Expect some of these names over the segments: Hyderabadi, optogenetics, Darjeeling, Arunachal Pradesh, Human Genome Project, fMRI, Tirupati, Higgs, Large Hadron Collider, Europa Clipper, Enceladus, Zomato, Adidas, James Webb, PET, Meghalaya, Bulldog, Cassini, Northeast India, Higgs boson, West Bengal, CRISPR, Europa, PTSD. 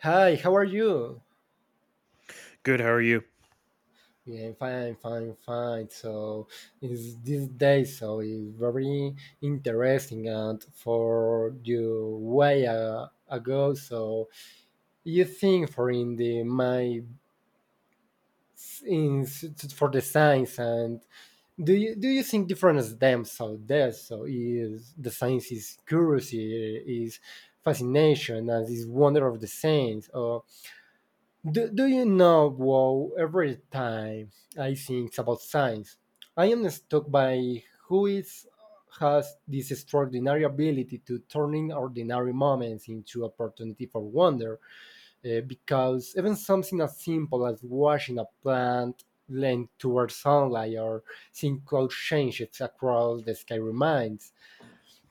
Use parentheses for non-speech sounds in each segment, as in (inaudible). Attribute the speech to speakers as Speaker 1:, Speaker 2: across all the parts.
Speaker 1: Hi, how are you?
Speaker 2: Good. How are you?
Speaker 1: Yeah, fine, fine, fine. So it's this day, so it's very interesting. And for you, way ago, so you think for in the my in for the science, and do you think different as them? So there, so is the science is curiosity, is fascination, and is wonder of the science, or Do you know, wow, every time I think about science, I am struck by who is, has this extraordinary ability to turning ordinary moments into opportunity for wonder, because even something as simple as watching a plant lean towards sunlight or seeing cloud changes across the sky reminds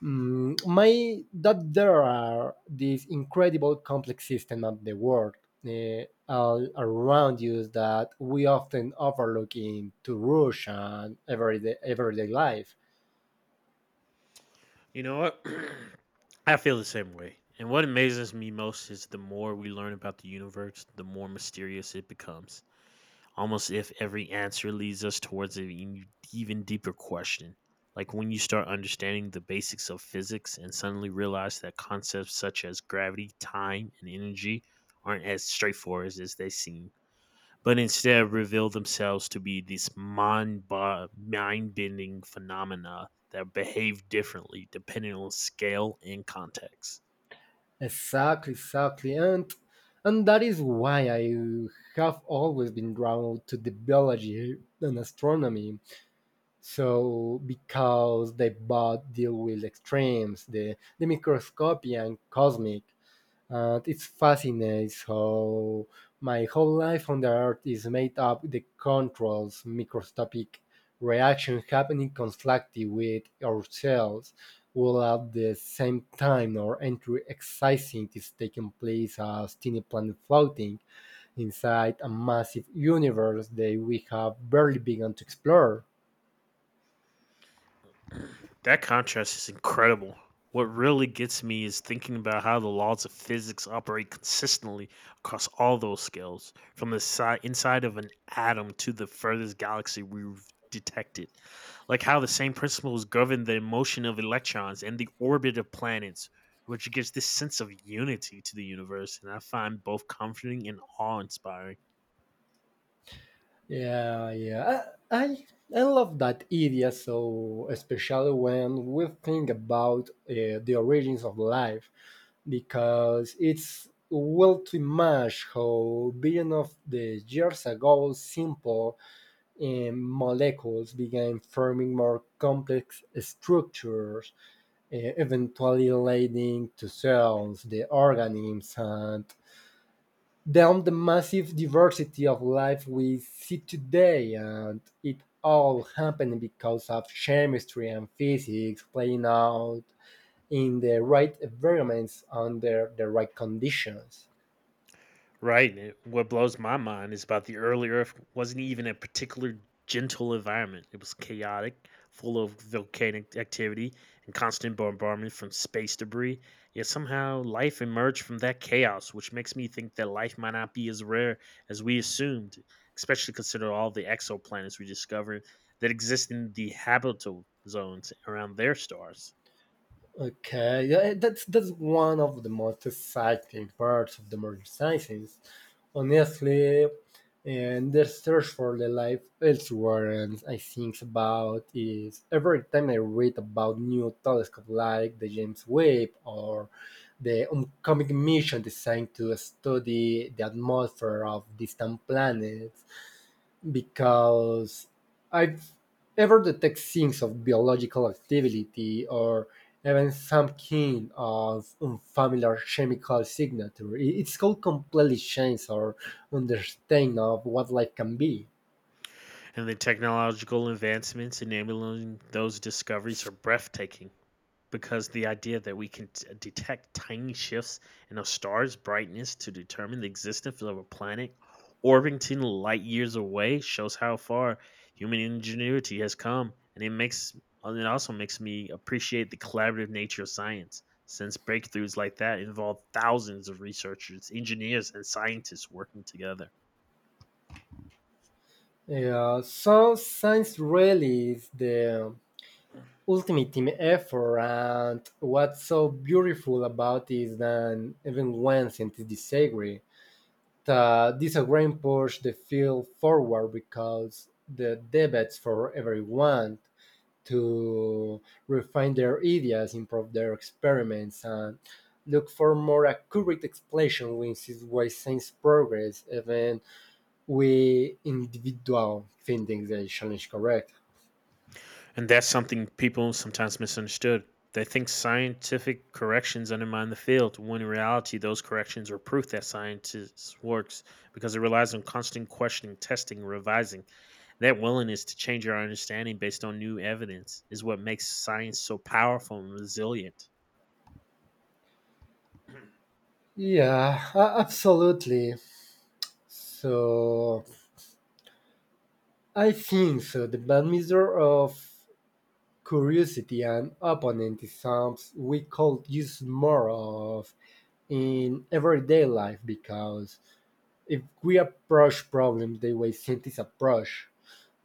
Speaker 1: My that there are these incredible complex systems of the world all around you that we often overlook in to rush and everyday life.
Speaker 2: You know what? (clears throat) I feel the same way. And what amazes me most is the more we learn about the universe, the more mysterious it becomes. Almost if every answer leads us towards an even deeper question. Like when you start understanding the basics of physics and suddenly realize that concepts such as gravity, time, and energy aren't as straightforward as they seem, but instead reveal themselves to be these mind bending phenomena that behave differently depending on scale and context.
Speaker 1: Exactly, exactly, and that is why I have always been drawn to the biology and astronomy. So because they both deal with extremes, the microscopic and cosmic. And it fascinates how my whole life on the earth is made up the controls, microscopic reactions happening constantly with ourselves while at the same time our entry exercising is taking place as tiny planet floating inside a massive universe that we have barely begun to explore.
Speaker 2: That contrast is incredible. What really gets me is thinking about how the laws of physics operate consistently across all those scales, from the inside of an atom to the furthest galaxy we've detected. Like how the same principles govern the motion of electrons and the orbit of planets, which gives this sense of unity to the universe, and I find both comforting and awe inspiring.
Speaker 1: Yeah, yeah. I, I I love that idea so especially when we think about the origins of life because it's well to imagine how billions of the years ago simple molecules began forming more complex structures, eventually leading to cells, the organisms, and down the massive diversity of life we see today, and it all happened because of chemistry and physics playing out in the right environments under the right conditions.
Speaker 2: Right. And what blows my mind is about the early Earth wasn't even a particular gentle environment. It was chaotic, full of volcanic activity and constant bombardment from space debris. Yet somehow life emerged from that chaos, which makes me think that life might not be as rare as we assumed, especially considering all the exoplanets we discovered that exist in the habitable zones around their stars.
Speaker 1: Okay, yeah, that's one of the most exciting parts of the modern sciences. Honestly, and the search for the life elsewhere, and I think about is every time I read about new telescope like the James Webb or the upcoming mission designed to study the atmosphere of distant planets because I've ever detect signs of biological activity or even some kind of unfamiliar chemical signature. It's called completely change or understanding of what life can be.
Speaker 2: And the technological advancements enabling those discoveries are breathtaking, because the idea that we can detect tiny shifts in a star's brightness to determine the existence of a planet orbiting light years away shows how far human ingenuity has come, and it also makes me appreciate the collaborative nature of science, since breakthroughs like that involve thousands of researchers, engineers, and scientists working together.
Speaker 1: Yeah, so science really is the ultimate team effort, and what's so beautiful about it is that even when scientists disagree, that disagreement pushed the field forward because the debates for everyone to refine their ideas, improve their experiments, and look for more accurate explanation, which is why science progress even we individual finding the challenge correct.
Speaker 2: And that's something people sometimes misunderstood. They think scientific corrections undermine the field, when in reality, those corrections are proof that science works, because it relies on constant questioning, testing, revising. That willingness to change our understanding based on new evidence is what makes science so powerful and resilient.
Speaker 1: Absolutely, so I think so the bad measure of curiosity and opponent is something we could use more of in everyday life because if we approach problems the way scientists approach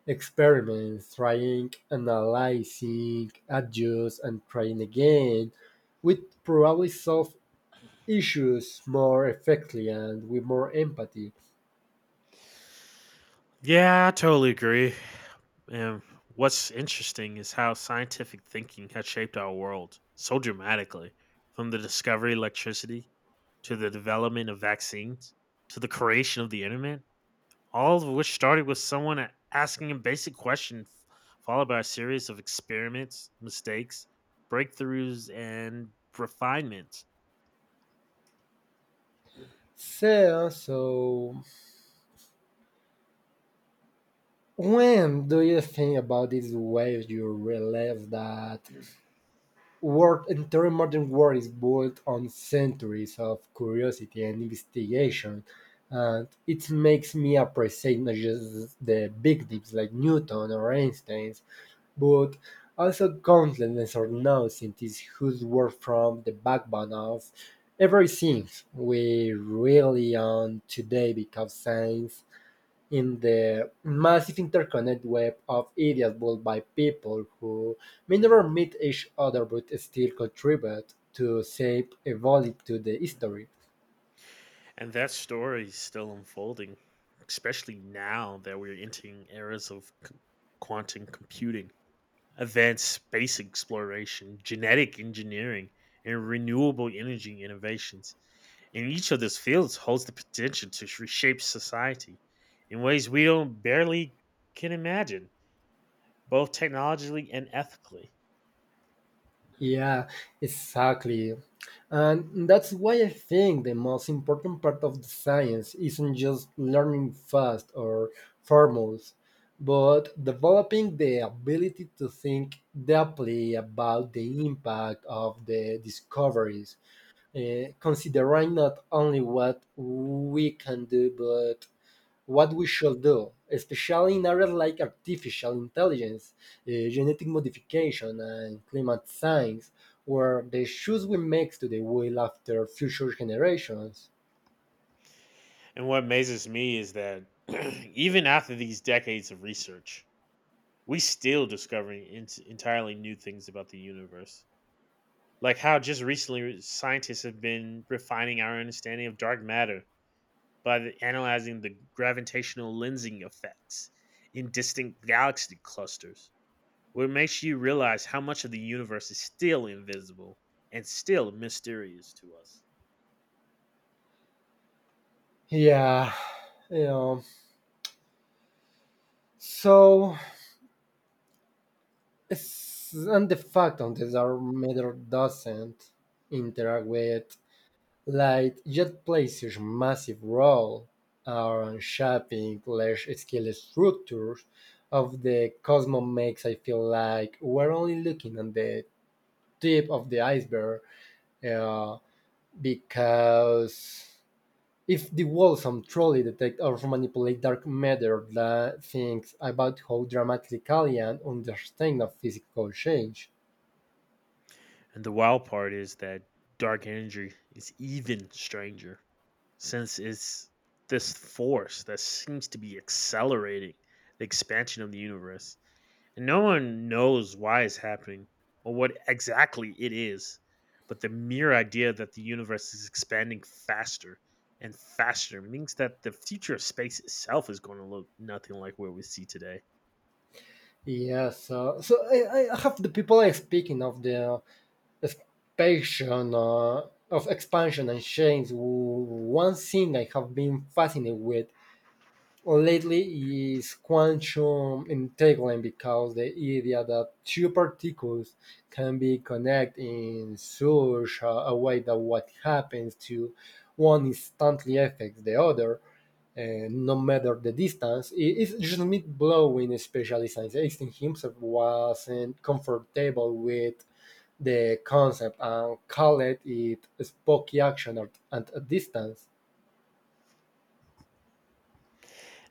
Speaker 1: experiments, trying, analyzing, adjust, and trying again, we'd probably solve issues more effectively and with more empathy.
Speaker 2: Yeah, I totally agree. And what's interesting is how scientific thinking has shaped our world so dramatically, from the discovery of electricity to the development of vaccines to the creation of the internet, all of which started with someone asking a basic question, followed by a series of experiments, mistakes, breakthroughs, and refinements.
Speaker 1: So when do you think about this way you realize that World entire modern world is built on centuries of curiosity and investigation, and it makes me appreciate not just the big names like Newton or Einstein, but also countless unknown scientists whose work from the backbone of everything we really own today because science in the massive interconnected web of ideas built by people who may never meet each other but still contribute to shape a volume to the history.
Speaker 2: And that story is still unfolding, especially now that we're entering eras of quantum computing, advanced space exploration, genetic engineering, and renewable energy innovations. And each of these fields holds the potential to reshape society in ways we don't barely can imagine, both technologically and ethically.
Speaker 1: Yeah, exactly. And that's why I think the most important part of the science isn't just learning fast or formulas, but developing the ability to think deeply about the impact of the discoveries, considering not only what we can do but what we should do, especially in areas like artificial intelligence, genetic modification and climate science, where the shoes we make today will after future generations.
Speaker 2: And what amazes me is that (clears throat) even after these decades of research, we still discovering entirely new things about the universe. Like how just recently scientists have been refining our understanding of dark matter by analyzing the gravitational lensing effects in distant galaxy clusters, which makes you realize how much of the universe is still invisible and still mysterious to us.
Speaker 1: Yeah, you know, so it's, and the fact on this our matter doesn't interact with Light yet plays a massive role on shaping large-scale structures of the cosmos makes I feel like we're only looking at the tip of the iceberg uh, because if the world some truly detect or manipulate dark matter that thinks about how dramatically and understand of physical change.
Speaker 2: And the wild part is that dark energy is even stranger, since it's this force that seems to be accelerating the expansion of the universe. And no one knows why it's happening or what exactly it is, but the mere idea that the universe is expanding faster and faster means that the future of space itself is going to look nothing like where we see today.
Speaker 1: Yeah, so I have the people I speaking of the expansion of expansion and change. One thing I have been fascinated with lately is quantum entanglement because the idea that two particles can be connected in such a way that what happens to one instantly affects the other. No matter the distance, it is just mind blowing. Especially since Einstein himself wasn't comfortable with the concept and call it spooky action at a distance.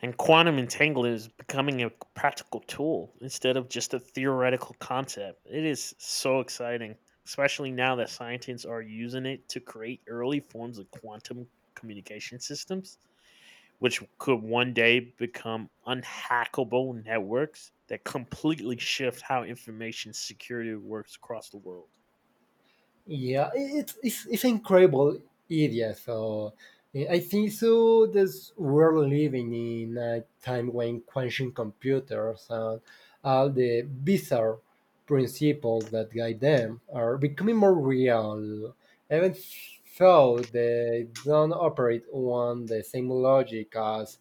Speaker 2: And quantum entanglement is becoming a practical tool instead of just a theoretical concept. It is so exciting, especially now that scientists are using it to create early forms of quantum communication systems, which could one day become unhackable networks that completely shift how information security works across the world.
Speaker 1: Yeah, it's an incredible idea. So I think so. This we're living in a time when quantum computers and all the bizarre principles that guide them are becoming more real, even though they don't operate on the same logic as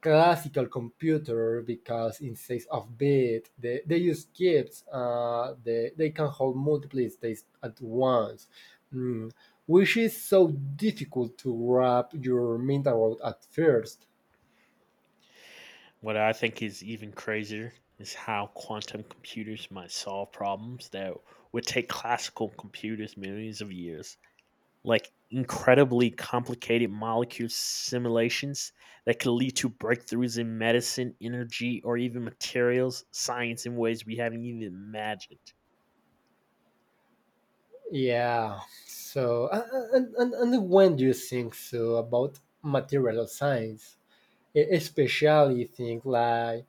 Speaker 1: classical computer because in 6-of-bit they use qubits, they can hold multiple states at once, mm, which is so difficult to wrap your mind around at first.
Speaker 2: What I think is even crazier is how quantum computers might solve problems that would take classical computers millions of years, like incredibly complicated molecule simulations that can lead to breakthroughs in medicine, energy, or even materials science in ways we haven't even imagined.
Speaker 1: Yeah, so and when do you think so about material science, especially things like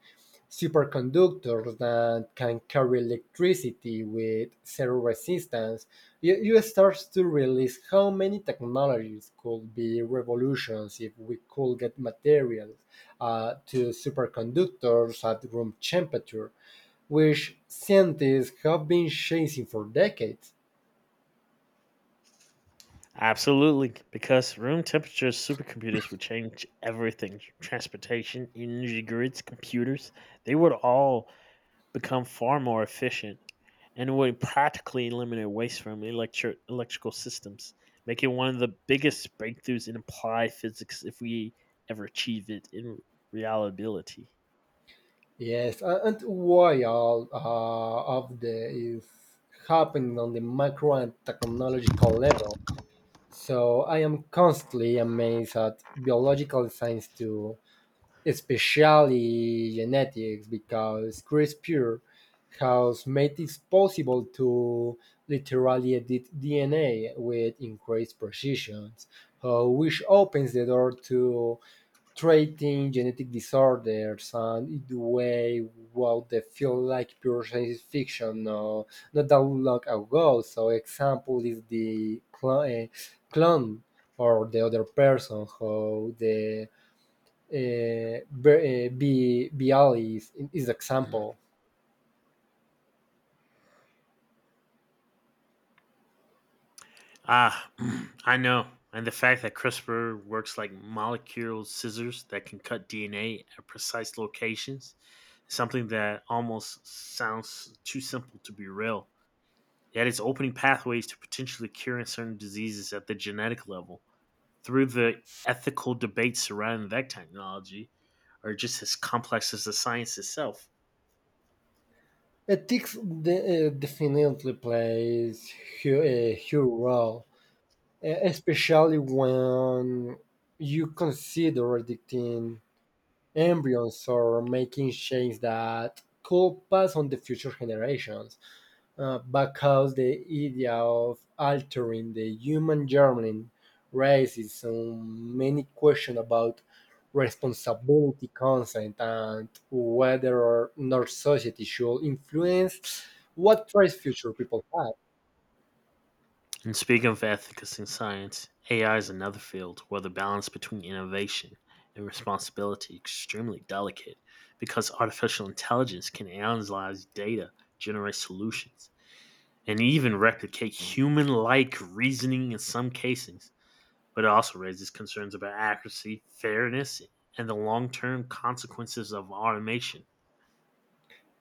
Speaker 1: superconductors that can carry electricity with zero resistance, you start to realize how many technologies could be revolutions if we could get materials to superconductors at room temperature, which scientists have been chasing for decades.
Speaker 2: Absolutely, because room temperature supercomputers would change everything: transportation, energy grids, computers. They would all become far more efficient and would practically eliminate waste from electrical systems, making one of the biggest breakthroughs in applied physics if we ever achieve it in reality.
Speaker 1: And why all of the is happening on the macro and technological level. So I am constantly amazed at biological science too, especially genetics, because CRISPR has made it possible to literally edit DNA with increased precision, which opens the door to treating genetic disorders and in the way what they feel like pure science fiction not that long ago. So example is the clone or the other person how the BL is example.
Speaker 2: Ah, (clears throat) I know. And the fact that CRISPR works like molecular scissors that can cut DNA at precise locations is something that almost sounds too simple to be real. Yet it's opening pathways to potentially curing certain diseases at the genetic level through the ethical debates surrounding that technology, are just as complex as the science itself.
Speaker 1: Ethics definitely plays a huge role, especially when you consider editing Embryons or making changes that could pass on to future generations, because the idea of altering the human germline raises so many questions about responsibility, consent, and whether or not society should influence what choice future people have.
Speaker 2: And speaking of ethics in science, AI is another field where the balance between innovation and responsibility is extremely delicate, because artificial intelligence can analyze data, generate solutions, and even replicate human like reasoning in some cases. But it also raises concerns about accuracy, fairness, and the long term consequences of automation.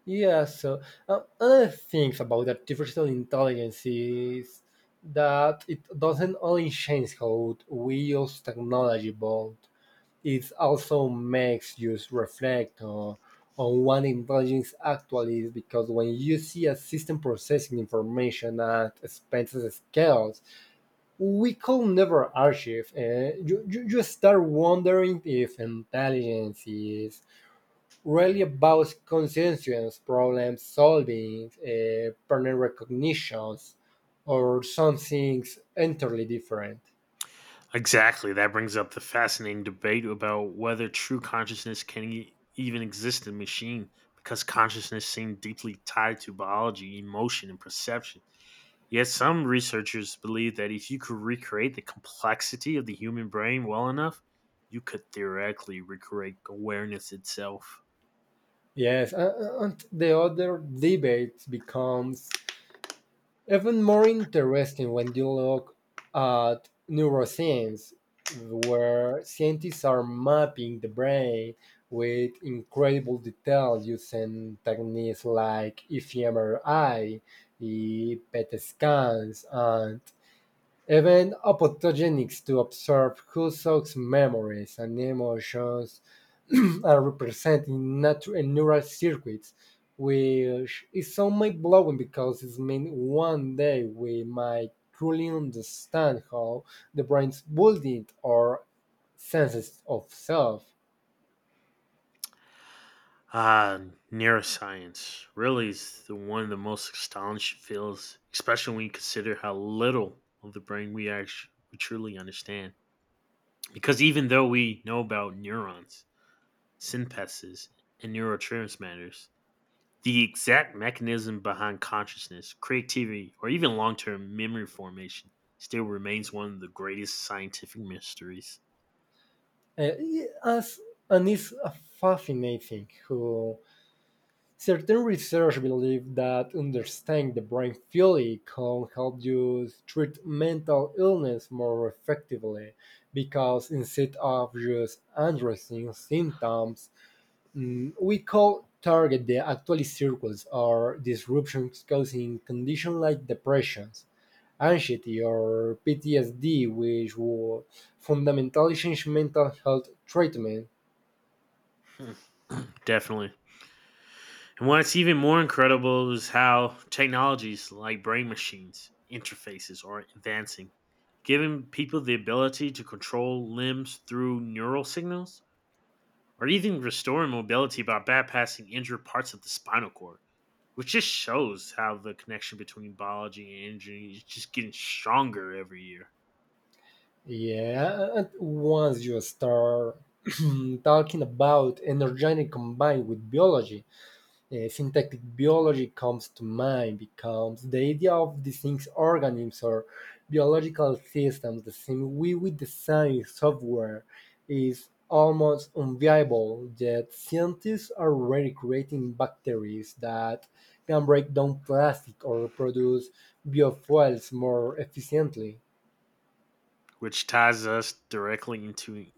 Speaker 1: Yeah, so other things about artificial intelligence is that it doesn't only change how we use technology, but it also makes you reflect on what intelligence actually is. Because when you see a system processing information at expensive scales, we could never archive. You start wondering if intelligence is really about conscientious problem solving, pattern recognitions, or something entirely different.
Speaker 2: Exactly. That brings up the fascinating debate about whether true consciousness can even exist in machine, because consciousness seems deeply tied to biology, emotion, and perception. Yet some researchers believe that if you could recreate the complexity of the human brain well enough, you could theoretically recreate awareness itself.
Speaker 1: Yes, and the other debate becomes even more interesting when you look at neuroscience, where scientists are mapping the brain with incredible detail using techniques like fMRI, PET scans, and Even optogenetics to observe Husserl's memories and emotions (clears throat) are represented in neural circuits, which is so mind-blowing because it means one day we might truly understand how the brain's building our senses of self.
Speaker 2: Ah, neuroscience really is the one of the most astonishing fields, especially when you consider how little of the brain we truly understand. Because even though we know about neurons, synapses, and neurotransmitters, the exact mechanism behind consciousness, creativity, or even long term memory formation still remains one of the greatest scientific mysteries.
Speaker 1: Uh, as, and it's fascinating how Certain research believe that understanding the brain fully can help you treat mental illness more effectively because instead of just addressing symptoms, we could target the actual circles or disruptions causing conditions like depressions, anxiety, or PTSD, which would fundamentally change mental health treatment.
Speaker 2: (laughs) Definitely. And what's even more incredible is how technologies like brain machines interfaces are advancing, giving people the ability to control limbs through neural signals or even restoring mobility by bypassing injured parts of the spinal cord, which just shows how the connection between biology and injury is just getting stronger every year.
Speaker 1: Yeah, and once you start (clears throat) talking about energetic combined with biology, syntactic biology comes to mind becomes the idea of distinct organisms or biological systems, the same way we design software, is almost unviable. Yet scientists are already creating bacteries that can break down plastic or produce biofuels more efficiently.
Speaker 2: Which ties us directly into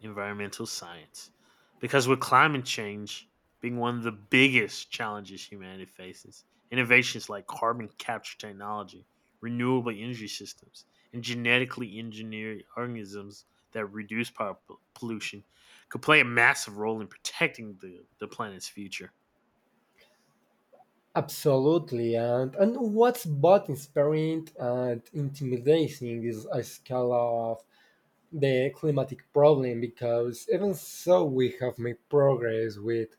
Speaker 2: environmental science. Because with climate change being one of the biggest challenges humanity faces, innovations like carbon capture technology, renewable energy systems, and genetically engineered organisms that reduce power pollution could play a massive role in protecting the planet's future.
Speaker 1: Absolutely, and what's both inspiring and intimidating is a scale of the climatic problem because even so we have made progress with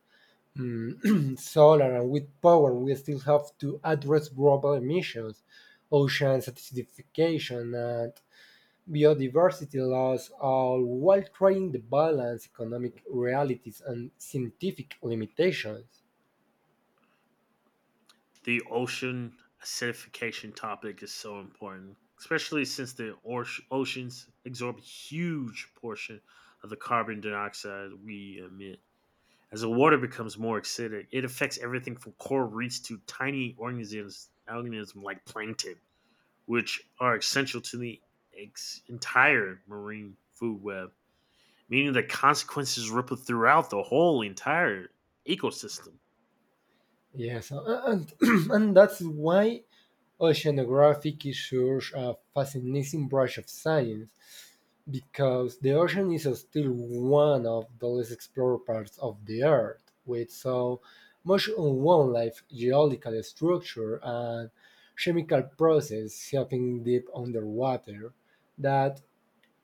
Speaker 1: (clears throat) solar and with power, we still have to address global emissions, ocean acidification, and biodiversity loss, all while trying to balance economic realities and scientific limitations.
Speaker 2: The ocean acidification topic is so important, especially since the oceans absorb a huge portion of the carbon dioxide we emit. As the water becomes more acidic, it affects everything from coral reefs to tiny organisms like plankton, which are essential to the entire marine food web, meaning that consequences ripple throughout the whole entire ecosystem.
Speaker 1: Yes, and (clears throat) and that's why Oceanographic is such a fascinating branch of science because the ocean is still one of the least explored parts of the earth, with so much unknown life, geological structure, and chemical process happening deep underwater that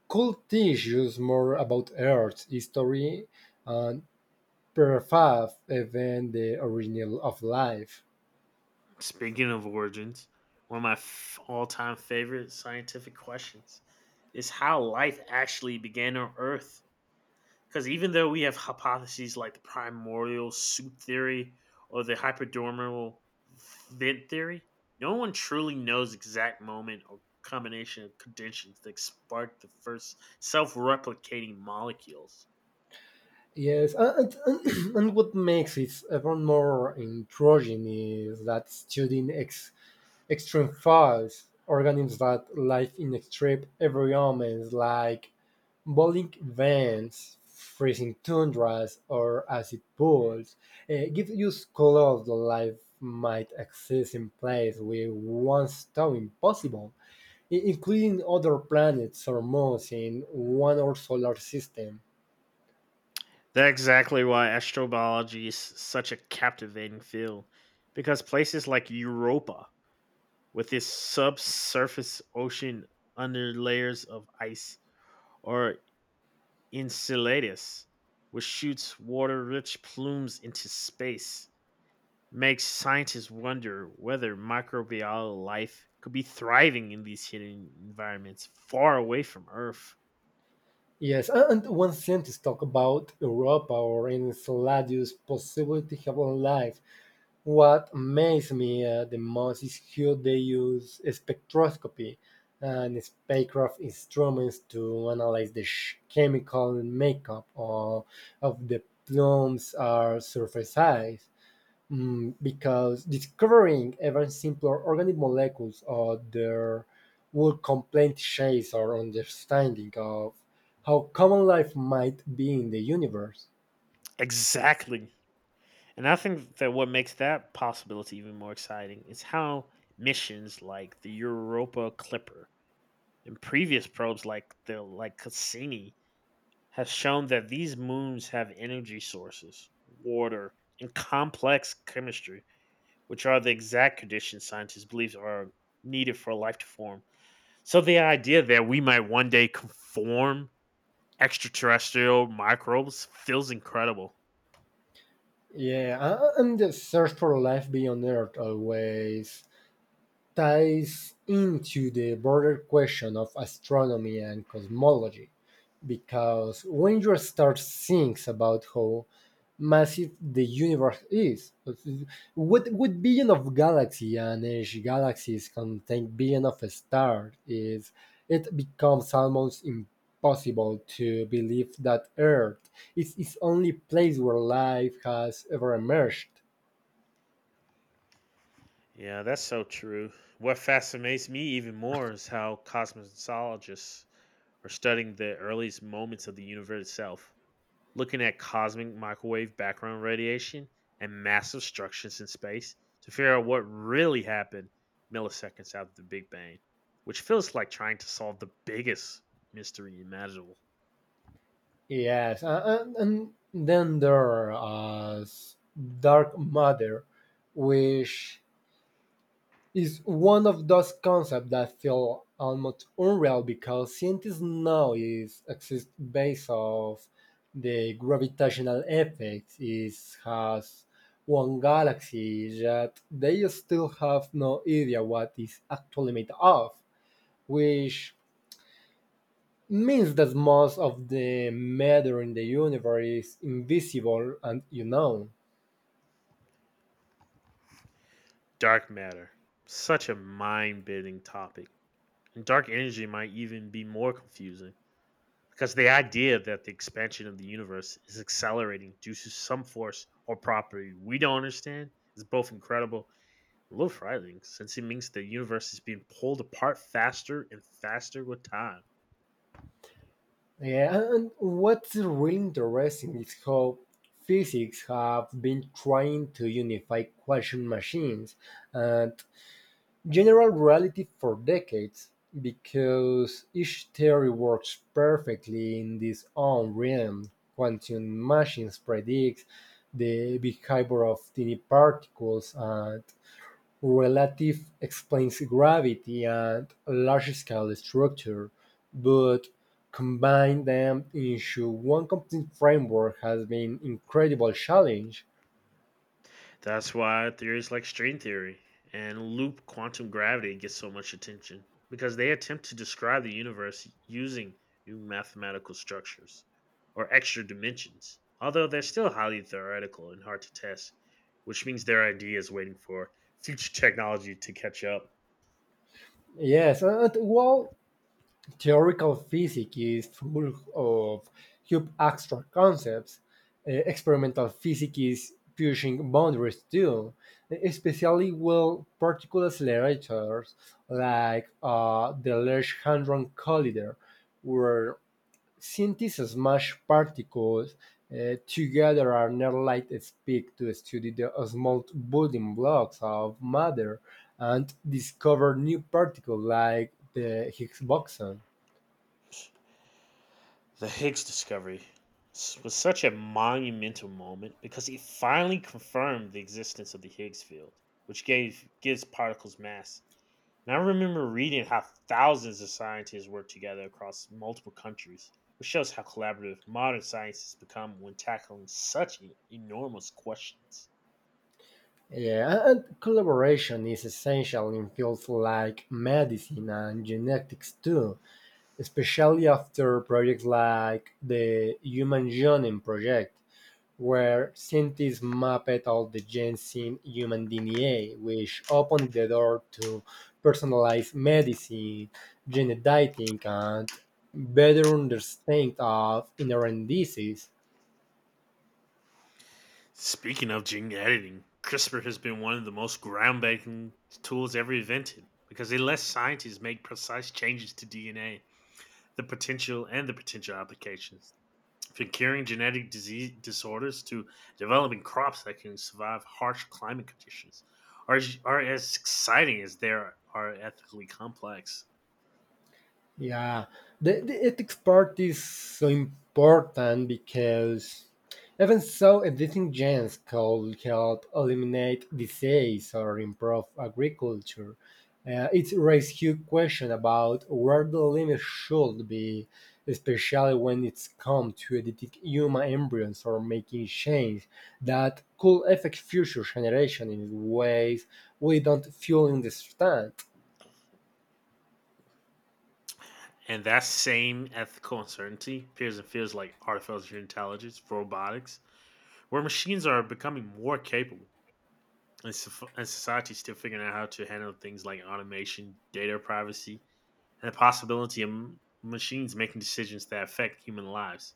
Speaker 1: could teach us more about Earth's history and perhaps even the origin of life.
Speaker 2: Speaking of origins, one of my all-time favorite scientific questions is how life actually began on Earth. Because even though we have hypotheses like the primordial soup theory or the hypodermal vent theory, no one truly knows exact moment or combination of conditions that sparked the first self-replicating molecules.
Speaker 1: Yes, (clears throat) and what makes it even more intriguing is that studying extreme files, organisms that live in extreme environments like boiling vents, freezing tundras, or acid pools, gives you color the life might exist in places we once thought impossible, including other planets or moons in one or solar system.
Speaker 2: That's exactly why astrobiology is such a captivating field, because places like Europa, with its subsurface ocean under layers of ice, or Enceladus, which shoots water rich plumes into space, makes scientists wonder whether microbial life could be thriving in these hidden environments far away from Earth.
Speaker 1: And one sentence talk about Europa or Enceladus' possibility of life. What amazed me the most is how they use spectroscopy and spacecraft instruments to analyze the chemical makeup of the plumes or surface ice. Because discovering even simpler organic molecules or their would complete shades our understanding of how common life might be in the universe.
Speaker 2: Exactly. And I think that what makes that possibility even more exciting is how missions like the Europa Clipper and previous probes like Cassini has shown that these moons have energy sources, water, and complex chemistry, which are the exact conditions scientists believe are needed for life to form. So the idea that we might one day conform extraterrestrial microbes feels incredible.
Speaker 1: And the search for life beyond Earth always ties into the broader question of astronomy and cosmology because when you start thinking about how massive the universe is, what billion of galaxies and each galaxies contain billion of stars is, it becomes almost impossible to believe that earth is its only place where life has ever emerged.
Speaker 2: Yeah, that's so true. What fascinates me even more is how cosmologists are studying the earliest moments of the universe itself, looking at cosmic microwave background radiation and massive structures in space to figure out what really happened milliseconds after the Big Bang, which feels like trying to solve the biggest mystery imaginable.
Speaker 1: Yes, and then there is dark matter, which is one of those concepts that feel almost unreal because scientists now is exist based off the gravitational effect is has one galaxy that they still have no idea what is actually made of, which means that most of the matter in the universe is invisible and unknown.
Speaker 2: Dark matter, such a mind bending topic. And dark energy might even be more confusing, because the idea that the expansion of the universe is accelerating due to some force or property we don't understand is both incredible I Love Frylings, since it means the universe is being pulled apart faster and faster with time.
Speaker 1: Yeah, and what's really interesting is how physics have been trying to unify quantum machines and general reality for decades because each theory works perfectly in its own realm. Quantum machines predict the behavior of tiny particles and Relative explains gravity and large-scale structure, but combine them into one complete framework has been incredible challenge.
Speaker 2: That's why theories like string theory and loop quantum gravity get so much attention, because they attempt to describe the universe using new mathematical structures or extra dimensions, although they're still highly theoretical and hard to test, which means their idea is waiting for future (laughs) technology to catch up.
Speaker 1: Yes, and while theoretical physics is full of huge abstract concepts, experimental physics is pushing boundaries too, especially with particle accelerators like the Large Hadron Collider, where Scientists smash particles together at near light speed to study the small building blocks of matter and discover new particles like the Higgs boson.
Speaker 2: The Higgs discovery was such a monumental moment, because it finally confirmed the existence of the Higgs field, which gave gives particles mass. And I remember reading how thousands of scientists worked together across multiple countries, which shows how collaborative modern science has become when tackling such enormous questions.
Speaker 1: Yeah, and collaboration is essential in fields like medicine and genetics too, especially after projects like the Human Genome Project, where scientists mapped all the genes in human DNA, which opened the door to personalized medicine, gene editing, and better understanding of inherent disease.
Speaker 2: Speaking of gene editing, CRISPR has been one of the most groundbreaking tools ever invented, because it lets scientists make precise changes to DNA. The potential and the potential applications, from curing genetic disease disorders to developing crops that can survive harsh climate conditions, are, are as exciting as they are ethically complex.
Speaker 1: Yeah, the ethics part is so important because even so, editing genes could help eliminate disease or improve agriculture. It raises huge question about where the limit should be, especially when it's come to editing human embryos or making change that could affect future generations in ways we don't fully understand.
Speaker 2: And that same ethical uncertainty appears in fields like artificial intelligence, robotics, where machines are becoming more capable, and society is still figuring out how to handle things like automation, data privacy, and the possibility of machines making decisions that affect human lives.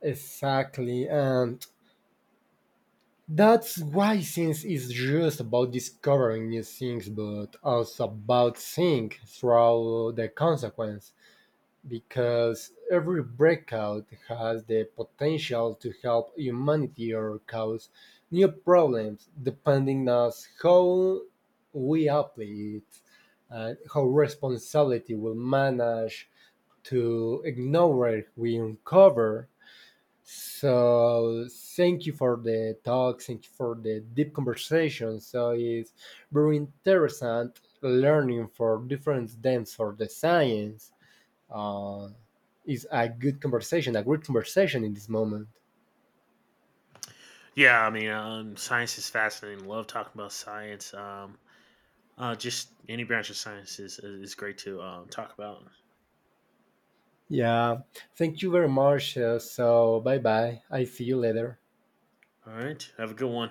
Speaker 1: Exactly, and that's why science is just about discovering new things, but also about seeing through the consequence, because every breakout has the potential to help humanity or cause new problems, depending on how we apply it and how responsibility will manage to ignore what we uncover. So thank you for the talk. Thank you for the deep conversation. So it's very interesting learning for different dance for the science. Uh, is a good conversation, a great conversation in this moment.
Speaker 2: Yeah, I mean, science is fascinating. Love talking about science. Just any branch of science is great to talk about.
Speaker 1: Yeah. Thank you very much. So bye bye. I see you later.
Speaker 2: All right, have a good one.